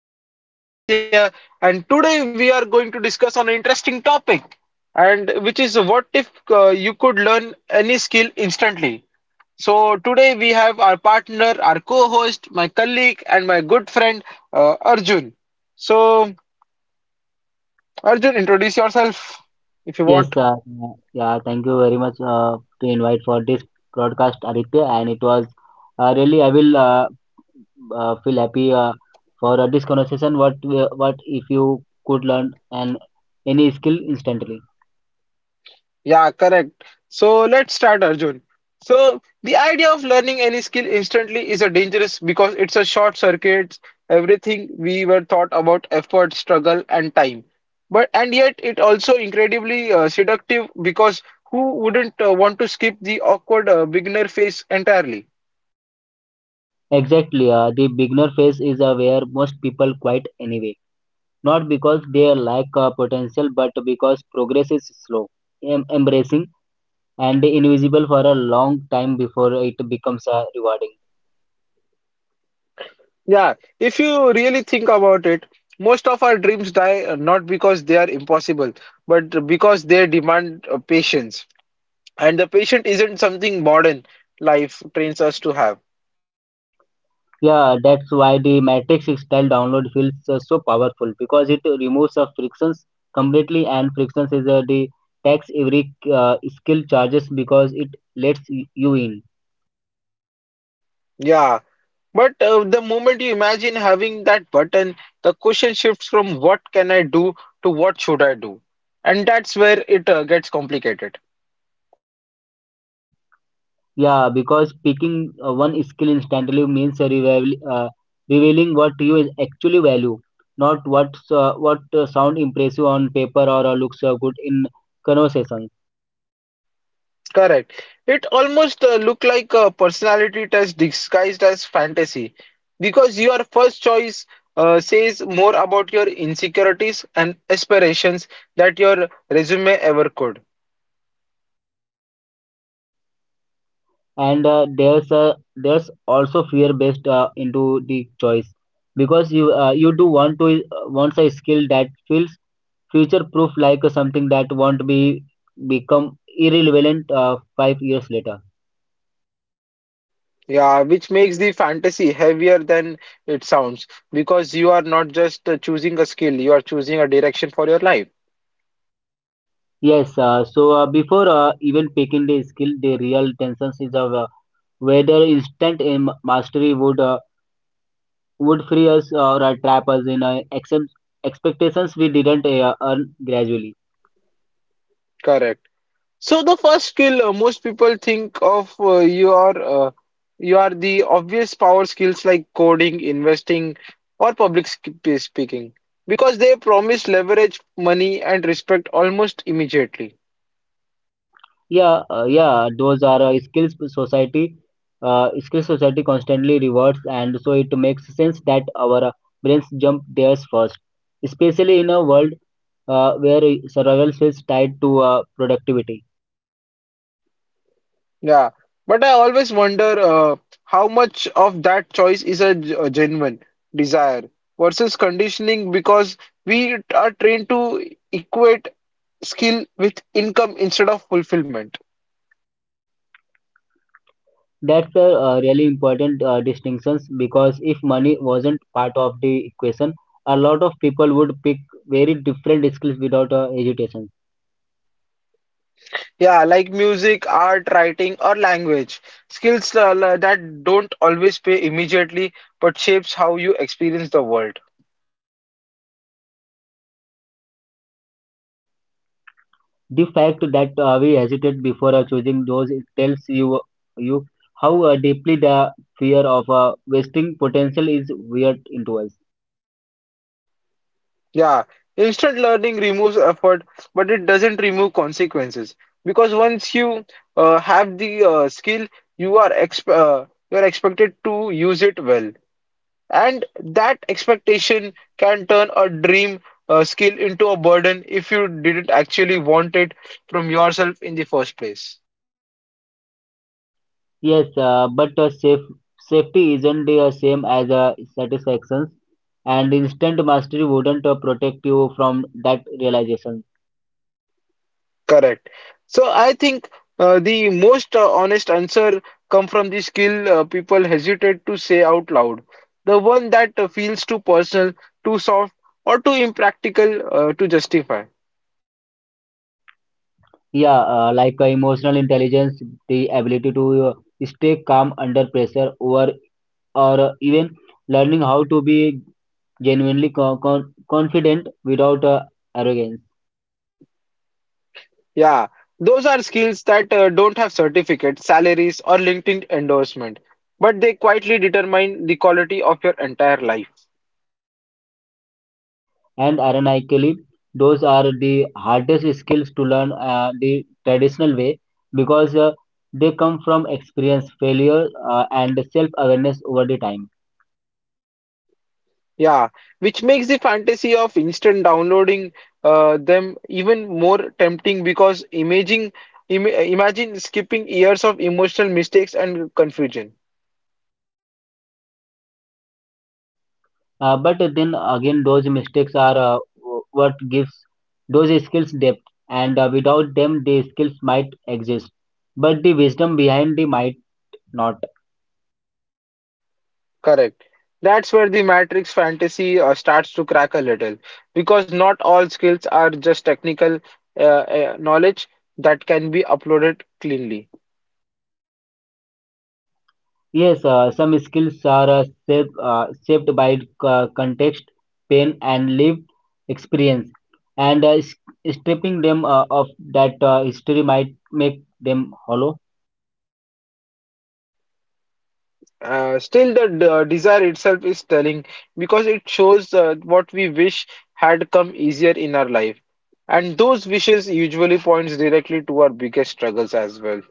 am your host Aditya. And today we are going to discuss on an interesting topic, and which is what if you could learn any skill instantly. So today we have our partner, our co-host, my colleague, and my good friend Arjun. So Arjun, introduce yourself if you Yes, want. sir. Yeah, yeah, thank you very much to invite for this broadcast, Aditya. And it was really I will feel happy for this conversation. What if you could learn an any skill instantly? Yeah, correct. So let's start, Arjun. So the idea of learning any skill instantly is a dangerous because it's a short circuit everything we were taught about effort, struggle, and time. But and yet it also incredibly seductive because who wouldn't want to skip the awkward beginner phase entirely? Exactly. The beginner phase is where most people quit anyway, not because they lack potential, but because progress is slow, embracing, and invisible for a long time before it becomes rewarding. Yeah, if you really think about it, most of our dreams die not because they are impossible, but because they demand patience. And the patient isn't something modern life trains us to have. Yeah, that's why the Matrix style download feels so powerful because it removes the frictions completely, and frictions is the tax every skill charges because it lets you in. Yeah, but the moment you imagine having that button, the question shifts from what can I do to what should I do, and that's where it gets complicated. Yeah, because picking one skill instantly means revealing what you is actually value, not what sound impressive on paper or looks good in conversation. Correct, it almost look like a personality test disguised as fantasy because your first choice says more about your insecurities and aspirations that your resume ever could. And there's also fear based into the choice because you do want to wants a skill that feels future proof, like something that won't be become irrelevant 5 years later. Yeah, which makes the fantasy heavier than it sounds because you are not just choosing a skill, you are choosing a direction for your life. Yes, so before even picking the skill, the real tensions is of whether instant aim mastery would free us or trap us in expectations we didn't earn gradually. Correct. So the first skill most people think of you are the obvious power skills like coding, investing, or speaking because they promise leverage, money, and respect almost immediately. Yeah, yeah, those are skills society constantly rewards, and so it makes sense that our brains jump theirs first, especially in a world where survival feels tied to productivity. Yeah, but I always wonder how much of that choice is a genuine desire versus conditioning because we are trained to equate skill with income instead of fulfillment. That's a really important distinctions because if money wasn't part of the equation, a lot of people would pick very different skills without hesitation. Yeah, like music, art, writing, or language. Skills that don't always pay immediately but shapes how you experience the world. The fact that we hesitate before choosing those, it tells you how deeply the fear of wasting potential is weird into us. Yeah, instant learning removes effort, but it doesn't remove consequences because once you have the skill, you are exp uh, you are expected to use it well, and that expectation can turn a dream skill into a burden if you didn't actually want it from yourself in the first place. Yes, but safety isn't the same as satisfaction, and instant mastery wouldn't protect you from that realization. Correct. So I think the most honest answer come from the skill people hesitate to say out loud. The one that feels too personal, too soft, or too impractical to justify. Yeah, like emotional intelligence, the ability to stay calm under pressure, or even learning how to be genuinely confident without arrogance. Yeah, those are skills that don't have certificates, salaries, or LinkedIn endorsement, but they quietly determine the quality of your entire life. And ironically, those are the hardest skills to learn the traditional way because they come from experience, failure, and self awareness over the time. Yeah, which makes the fantasy of instant downloading them even more tempting because imaging im imagine skipping years of emotional mistakes and confusion. But then again, those mistakes are what gives those skills depth, and without them, the skills might exist, but the wisdom behind they might not. Correct. That's where the Matrix fantasy starts to crack a little because not all skills are just technical knowledge that can be uploaded cleanly. Yes, some skills are shaped by context, pain, and lived experience, and stripping them of that history might make them hollow. Still, desire itself is telling because it shows what we wish had come easier in our life. And those wishes usually points directly to our biggest struggles as well.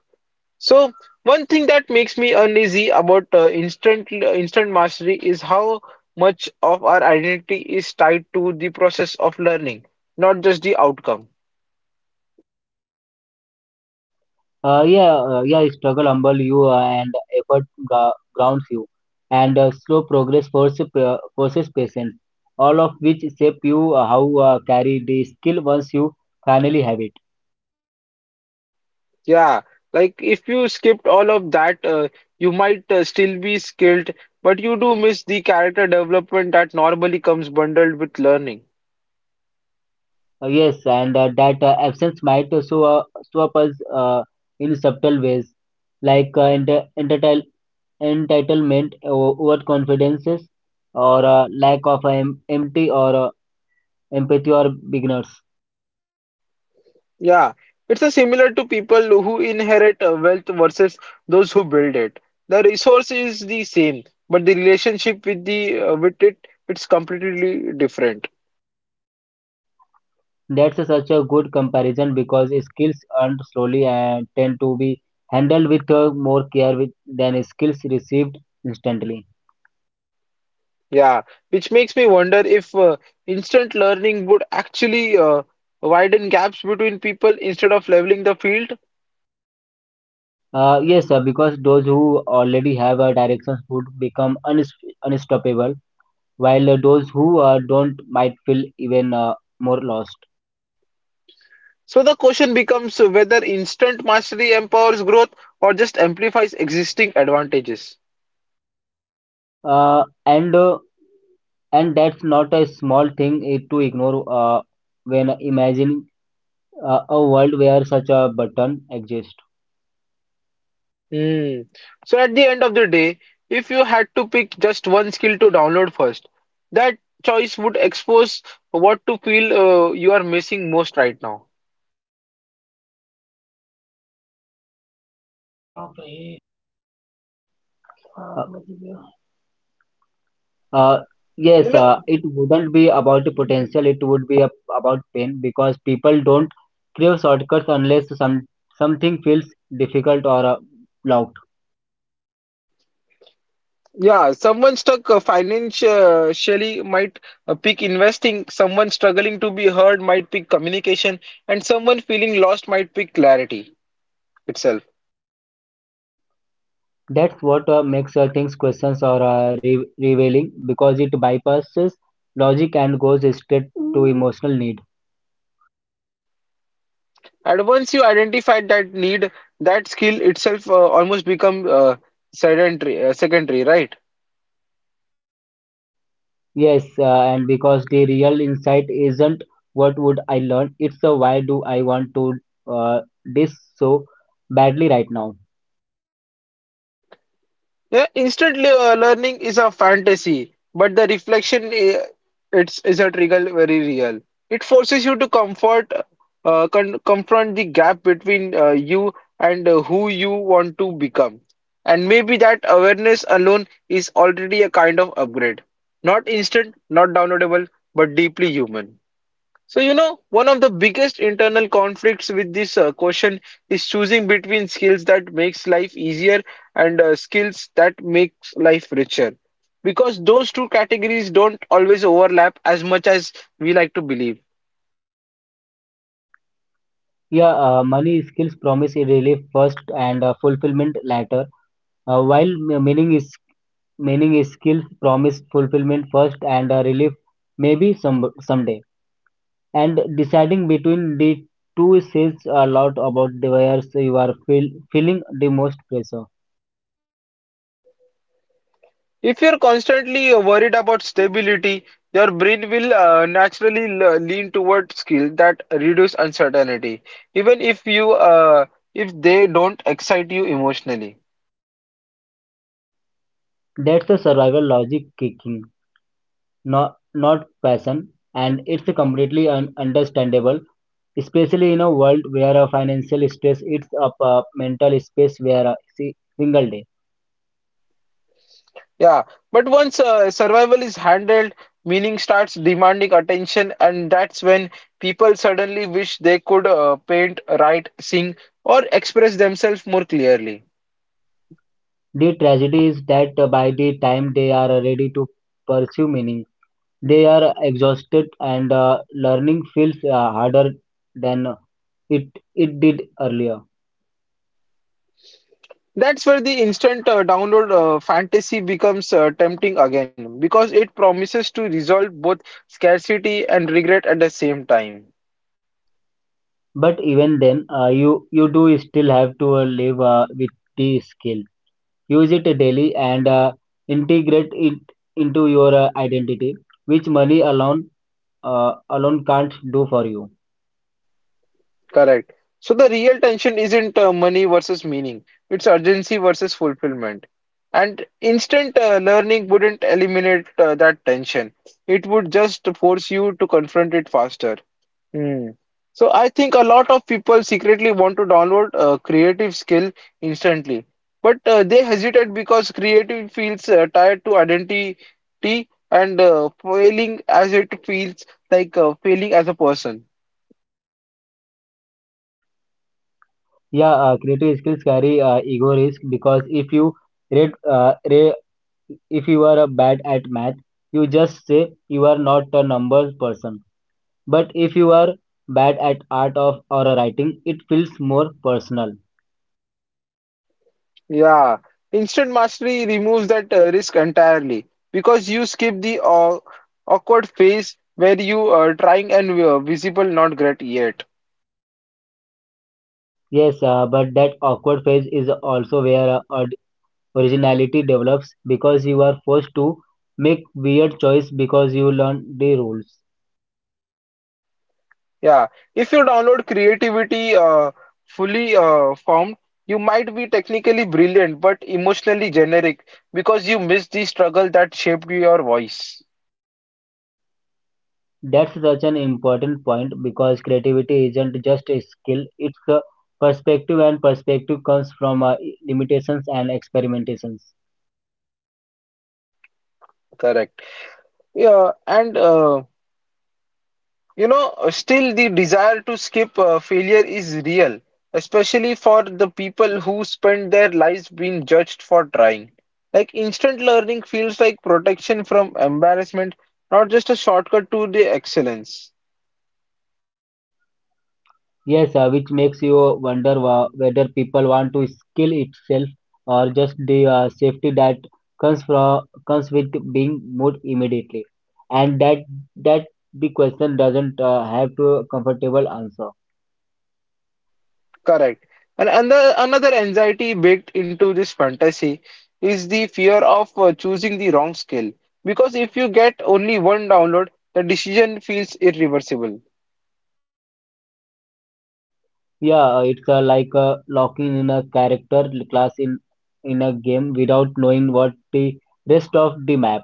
So, one thing that makes me uneasy about instant mastery is how much of our identity is tied to the process of learning, not just the outcome. Yeah, yeah, struggle humble you and effort grounds you, and slow progress forces patience, all of which shape you how carry the skill once you finally have it. Yeah, like if you skipped all of that, you might still be skilled, but you do miss the character development that normally comes bundled with learning. Yes, and that absence might show up as in subtle ways, like entitlement, overconfidences, or lack of em- empty or empathy or beginners. Yeah, it's a similar to people who inherit wealth versus those who build it. The resource is the same, but the relationship with the with it it's completely different. That's such a good comparison because skills earned slowly and tend to be handled with more care with, than skills received instantly. Yeah, which makes me wonder if instant learning would actually widen gaps between people instead of leveling the field. Yes, sir, because those who already have a direction would become unstoppable while those who don't might feel even more lost. So the question becomes whether instant mastery empowers growth or just amplifies existing advantages. Uh, and uh, and that's not a small thing to ignore when imagining a world where such a button exists. Hmm. So at the end of the day, if you had to pick just one skill to download first, that choice would expose what to feel you are missing most right now. Uh, You yes, know, it wouldn't be about the potential; it would be about pain because people don't crave shortcuts unless something feels difficult or loud. yeah, someone stuck financially might pick investing, someone struggling to be heard might pick communication, and someone feeling lost might pick clarity itself. That's what makes things questions or revealing because it bypasses logic and goes straight to emotional need. And once you identify that need, that skill itself almost become secondary, right? Yes, and because the real insight isn't what would I learn, it's why do I want to uh, this so badly right now. Yeah, instantly learning is a fantasy, but the reflection it's is a trigger very real. It forces you to comfort, con confront the gap between you and who you want to become. And maybe that awareness alone is already a kind of upgrade. Not instant, not downloadable, but deeply human. So, you know, one of the biggest internal conflicts with this question is choosing between skills that makes life easier and skills that makes life richer. Because those two categories don't always overlap as much as we like to believe. Yeah, money skills promise a relief first and fulfillment later, while meaning is skills promise fulfillment first and relief maybe someday. And deciding between the two says a lot about where you are feeling the most pressure. If you're constantly worried about stability, your brain will lean toward skills that reduce uncertainty, even if you if they don't excite you emotionally. That's the survival logic kicking, not passion, and it's completely understandable, especially in a world where a financial stress eats up a mental space where a single day. Yeah, but once survival is handled, meaning starts demanding attention, and that's when people suddenly wish they could paint, write, sing, or express themselves more clearly. The tragedy is that by the time they are ready to pursue meaning, they are exhausted, and learning feels harder than it it did earlier. That's where the instant download fantasy becomes tempting again because it promises to resolve both scarcity and regret at the same time. But even then, you do still have to live with the skill. Use it daily and integrate it into your identity, which money alone can't do for you. Correct. So the real tension isn't money versus meaning, it's urgency versus fulfillment. And instant learning wouldn't eliminate that tension, it would just force you to confront it faster. Hmm. So I think a lot of people secretly want to download a creative skill instantly, but they hesitate because creative feels tied to identity and failing as it feels like failing as a person. Yeah, creative skills carry ego risk because if rate, uh, re- if you are bad at math, you just say you are not a numbers person. But if you are bad at art of or writing, it feels more personal. Yeah, instant mastery removes that risk entirely because you skip the awkward phase where you are trying and visible not great yet. Yes, but that awkward phase is also where originality develops because you are forced to make weird choice because you learn the rules. Yeah, if you download creativity fully formed, you might be technically brilliant but emotionally generic because you miss the struggle that shaped your voice. That's such an important point because creativity isn't just a skill; it's a perspective, and perspective comes from limitations and experimentations. Correct. Yeah, and you know, still the desire to skip failure is real, especially for the people who spend their lives being judged for trying. Like instant learning feels like protection from embarrassment, not just a shortcut to the excellence. Yes, which makes you wonder whether people want to skill itself or just the safety that comes with being moved immediately, and that the question doesn't have to a comfortable answer. Correct. And another anxiety baked into this fantasy is the fear of choosing the wrong skill. Because if you get only one download, the decision feels irreversible. Yeah, it's like locking in a character class in a game without knowing what the rest of the map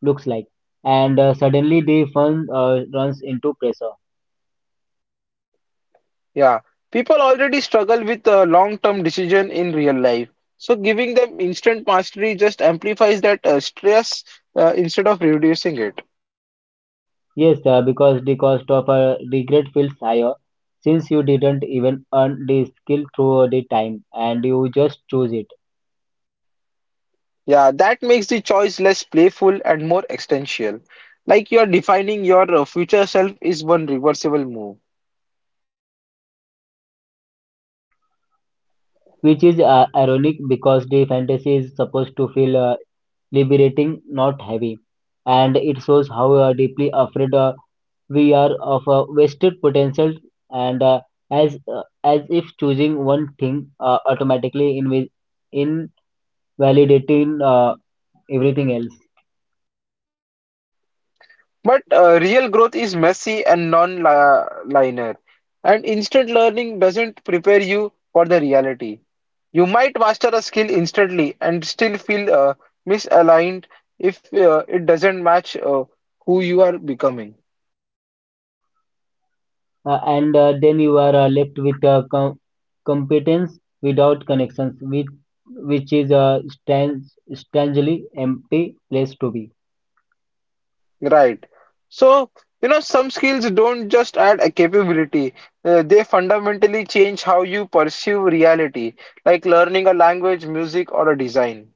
looks like, and suddenly the fun runs into pressure. Yeah, people already struggle with long-term decision in real life. So giving them instant mastery just amplifies that stress instead of reducing it. Yes, because the cost of a regret feels higher since you didn't even earn the skill through the time and you just choose it. Yeah, that makes the choice less playful and more existential. Like you're defining your future self is one reversible move. Which is ironic because the fantasy is supposed to feel liberating, not heavy. And it shows how deeply afraid we are of wasted potential and as if choosing one thing automatically invalidating everything else. But real growth is messy and non-linear, and instant learning doesn't prepare you for the reality. You might master a skill instantly and still feel misaligned if it doesn't match who you are becoming. And then you are left with competence without connections, which is a strangely empty place to be. Right. So, you know, some skills don't just add a capability, they fundamentally change how you perceive reality, like learning a language, music, or a design.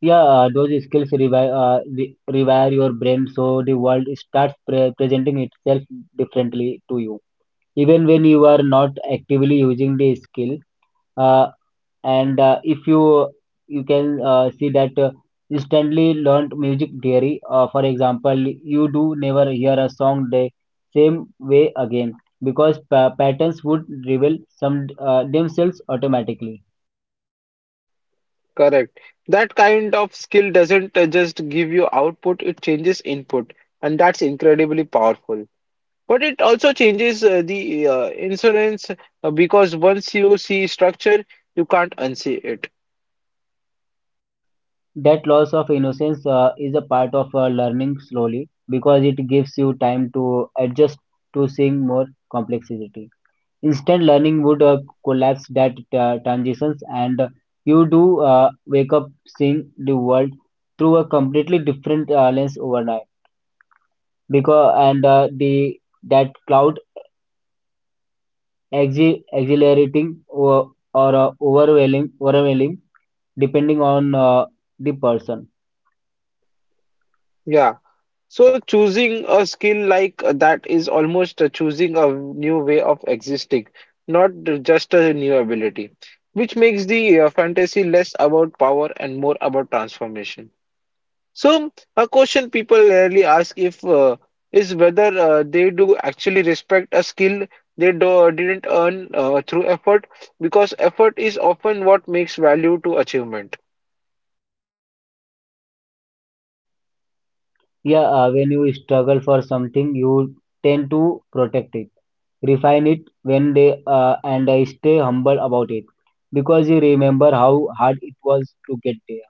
Yeah, those skills rewire your brain so the world starts presenting itself differently to you. Even when you are not actively using the skill, uh, and if you can see that instantly learned music theory for example, you do never hear a song the same way again because patterns would reveal some themselves automatically. Correct. That kind of skill doesn't just give you output, it changes input, and that's incredibly powerful. But it also changes the insurance because once you see structure, you can't unsee it. That loss of innocence is a part of learning slowly because it gives you time to adjust to seeing more complexity. Instant learning would collapse that transitions, and you do wake up seeing the world through a completely different lens overnight. Because and the that cloud exhilarating, or overwhelming, depending on the person. Yeah. So choosing a skill like that is almost choosing a new way of existing, not just a new ability, which makes the fantasy less about power and more about transformation. So a question people rarely ask if is whether they do actually respect a skill didn't earn through effort because effort is often what makes value to achievement. Yeah, when you struggle for something, you tend to protect it, refine it when they and I stay humble about it because you remember how hard it was to get there.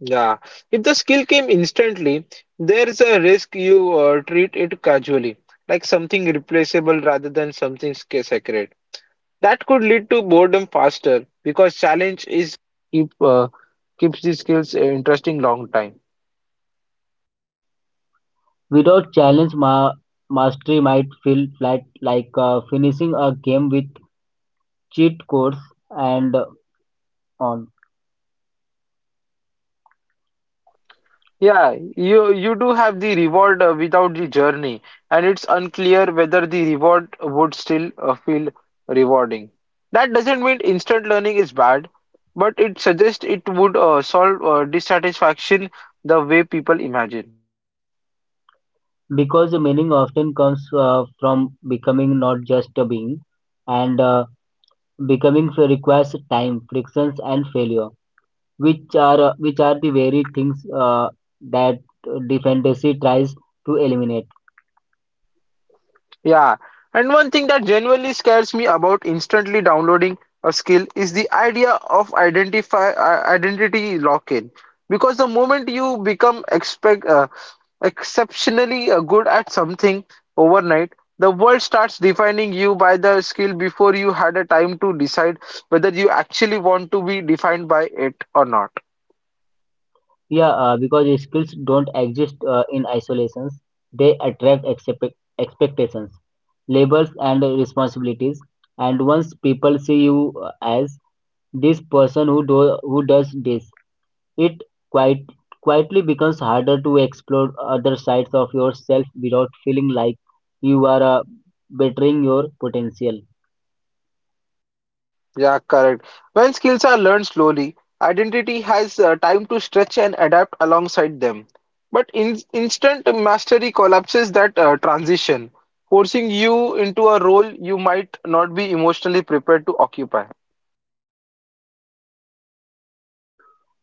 Yeah, if the skill came instantly, there is a risk you treat it casually, like something replaceable rather than something sacred. That could lead to boredom faster because challenge is keep uh, keeps the skills interesting long time. Without challenge, mastery might feel flat, like finishing a game with cheat codes and on. Yeah, you do have the reward without the journey, and it's unclear whether the reward would still feel rewarding. That doesn't mean instant learning is bad, but it suggests it would solve dissatisfaction the way people imagine. Because the meaning often comes from becoming not just a being, and becoming requires time, frictions, and failure which are the very things that the fantasy tries to eliminate. Yeah, and one thing that genuinely scares me about instantly downloading a skill is the idea of identify identity lock-in. Because the moment you become expect exceptionally good at something overnight, the world starts defining you by the skill before you had a time to decide whether you actually want to be defined by it or not. Yeah, because skills don't exist in isolations; they attract expectations, labels, and responsibilities. And once people see you as this person who does this, it quite quietly becomes harder to explore other sides of yourself without feeling like you are bettering your potential. Yeah, correct. When skills are learned slowly, identity has time to stretch and adapt alongside them. But in instant mastery collapses that transition, forcing you into a role you might not be emotionally prepared to occupy.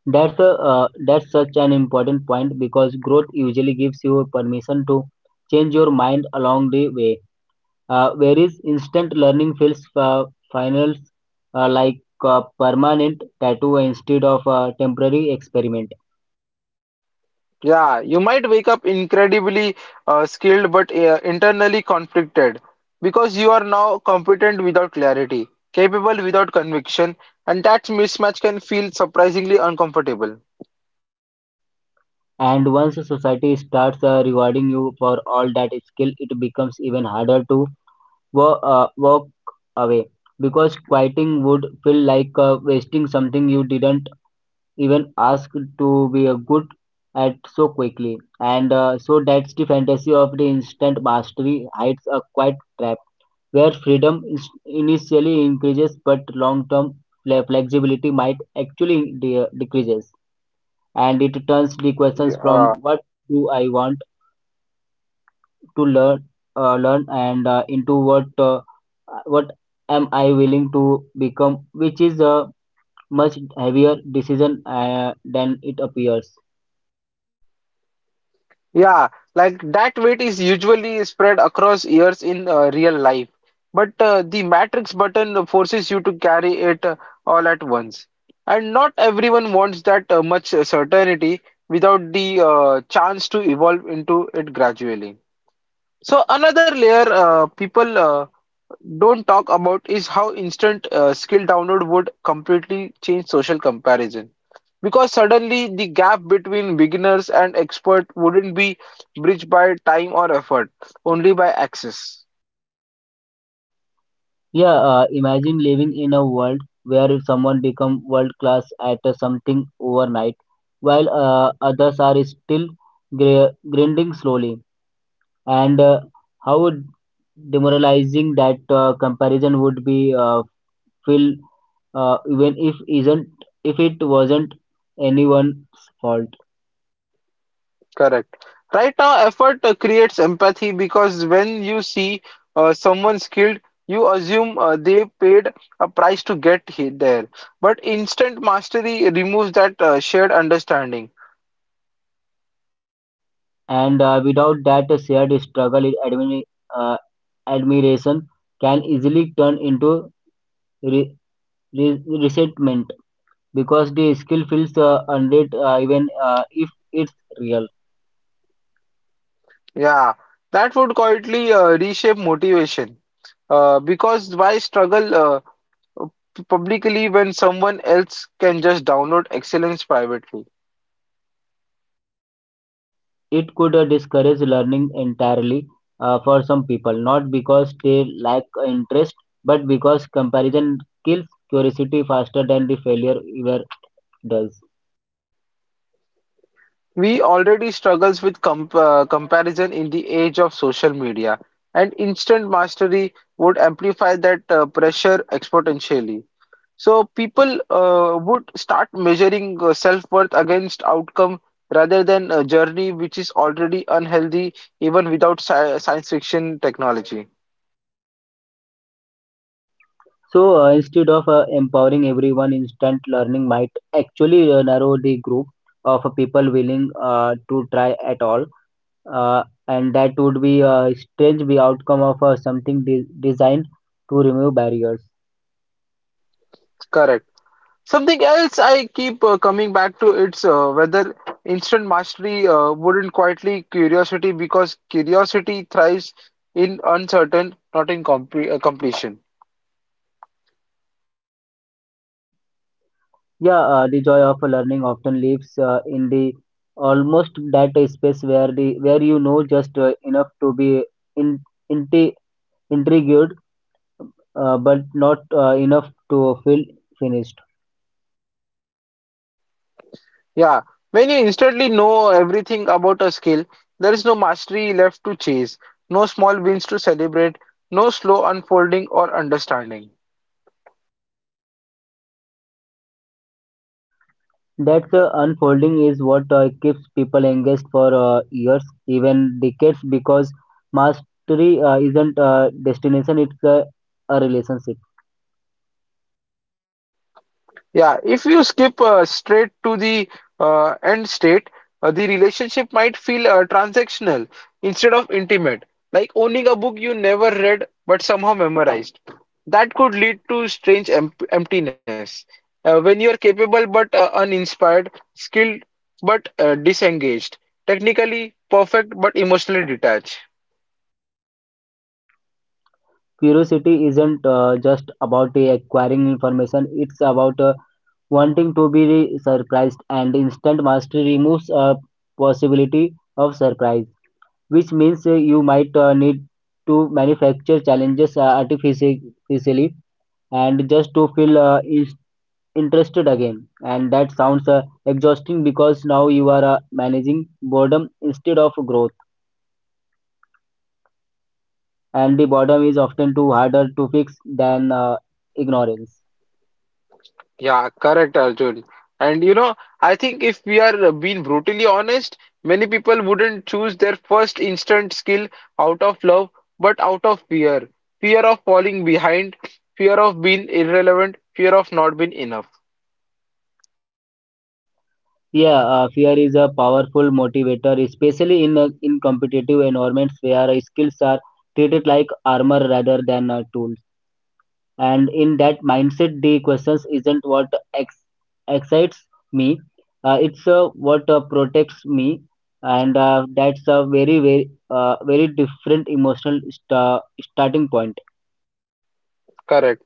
That's such an important point because growth usually gives you permission to change your mind along the way. Whereas instant learning feels finals like a permanent tattoo instead of a temporary experiment. Yeah, you might wake up incredibly skilled but internally conflicted because you are now competent without clarity, capable without conviction, and that mismatch can feel surprisingly uncomfortable. And once society starts rewarding you for all that skill, it becomes even harder to walk away because quieting would feel like wasting something you didn't even asked to be a good at so quickly. And so that's the fantasy of the instant mastery hides a quiet trap where freedom is initially increases but long-term flexibility might actually decreases. And it turns the Yeah. questions from uh, what do I want to learn and into what am I willing to become, which is a much heavier decision than it appears. Yeah, like that weight is usually spread across years in real life, but the matrix button forces you to carry it all at once. And not everyone wants that much certainty without the chance to evolve into it gradually. So another layer people don't talk about is how instant skill download would completely change social comparison, because suddenly the gap between beginners and expert wouldn't be bridged by time or effort, only by access. Yeah, imagine living in a world where if someone become world class at something overnight, while others are still grinding slowly, and how demoralizing that comparison would be feel, even if isn't if it wasn't anyone's fault, Correct. Right now effort creates empathy, because when you see someone skilled you assume they paid a price to get there, but instant mastery removes that shared understanding. and without that shared struggle, it uh, admiration can easily turn into re- resentment. Because the skill feels unread even if it's real. Yeah, that would quietly reshape motivation. Because why struggle publicly when someone else can just download excellence privately? It could discourage learning entirely for some people, not because they lack interest, but because comparison kills curiosity faster than the failure ever does. We already struggles with comparison in the age of social media, and instant mastery would amplify that pressure exponentially. So people would start measuring self-worth against outcome rather than a journey, which is already unhealthy even without science fiction technology. So instead of empowering everyone, instant learning might actually narrow the group of people willing to try at all. And that would be a strange be outcome of something designed to remove barriers. Correct. Something else I keep coming back to it's whether instant mastery wouldn't quietly curiosity, because curiosity thrives in uncertain, not in compre completion. Yeah, the joy of learning often lives in the almost that space where you know just enough to be in, inti intrigued but not enough to feel finished. Yeah, when you instantly know everything about a skill, there is no mastery left to chase, no small wins to celebrate, no slow unfolding or understanding. That unfolding is what keeps people engaged for years even decades because mastery isn't a destination, it's a relationship. Yeah, if you skip straight to the end state, the relationship might feel transactional instead of intimate, like owning a book you never read but somehow memorized. That could lead to strange emptiness when you are capable but uninspired, skilled but disengaged, technically perfect but emotionally detached. Curiosity isn't just about acquiring information, it's about wanting to be surprised, and instant mastery removes a possibility of surprise, which means you might need to manufacture challenges artificially and just to feel is interested again. And that sounds exhausting because now you are managing boredom instead of growth, and the boredom is often too harder to fix than ignorance. Yeah, correct, Arjun. And you know, I think if we are being brutally honest, many people wouldn't choose their first instant skill out of love, but out of fear. Fear of falling behind, fear of being irrelevant, fear of not being enough. Yeah, fear is a powerful motivator, especially in competitive environments where skills are treated like armor rather than tools. And in that mindset, the questions isn't what ex- excites me; it's what protects me, and that's a very different emotional starting point. Correct.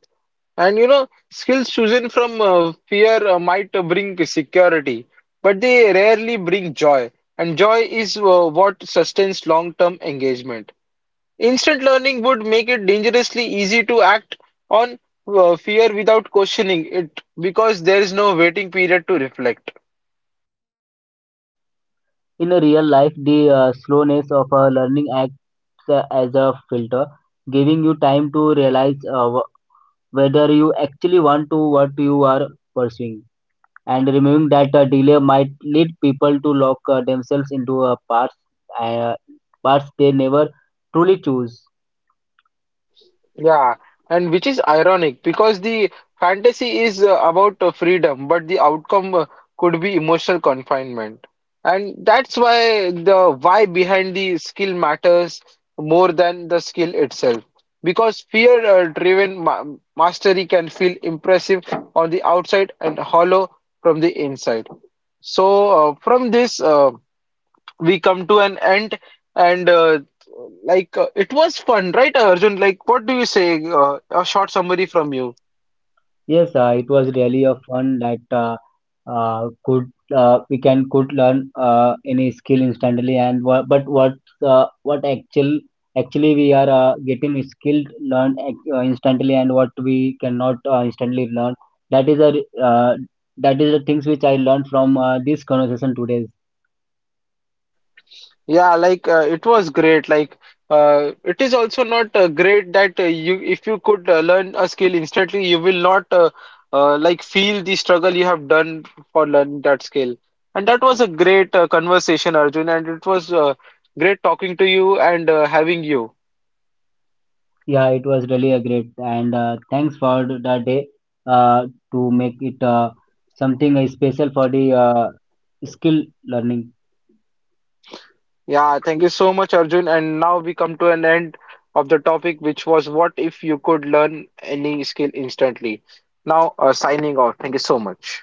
And you know, skills chosen from fear might bring security, but they rarely bring joy. And joy is what sustains long-term engagement. Instant learning would make it dangerously easy to act on fear without questioning it, because there is no waiting period to reflect. In a real life, the slowness of a learning acts as a filter, giving you time to realize whether you actually want to what you are pursuing, and removing that a delay might lead people to lock themselves into a uh, paths they never truly choose. Yeah, and which is ironic because the fantasy is about freedom, but the outcome could be emotional confinement. And that's why the why behind the skill matters more than the skill itself. Because fear-driven ma mastery can feel impressive on the outside and hollow from the inside. So, from this, we come to an end, and like it was fun, right, Arjun? Like, what do you say? A short summary from you. Yes, it was really a fun that could we can could learn any skill instantly, and but what actually we are getting skilled learned instantly, and what we cannot instantly learn, that is a re- uh, that is the things which I learned from this conversation today. Yeah, like it was great. Like, it is also not great that you, if you could learn a skill instantly, you will not like feel the struggle you have done for learning that skill. And that was a great conversation, Arjun, and it was great talking to you and having you. Yeah, it was really a great and thanks for the day uh, to make it something special for the skill learning. Yeah. Yeah, thank you so much, Arjun. And now we come to an end of the topic, which was what if you could learn any skill instantly? Now, signing off. Thank you so much.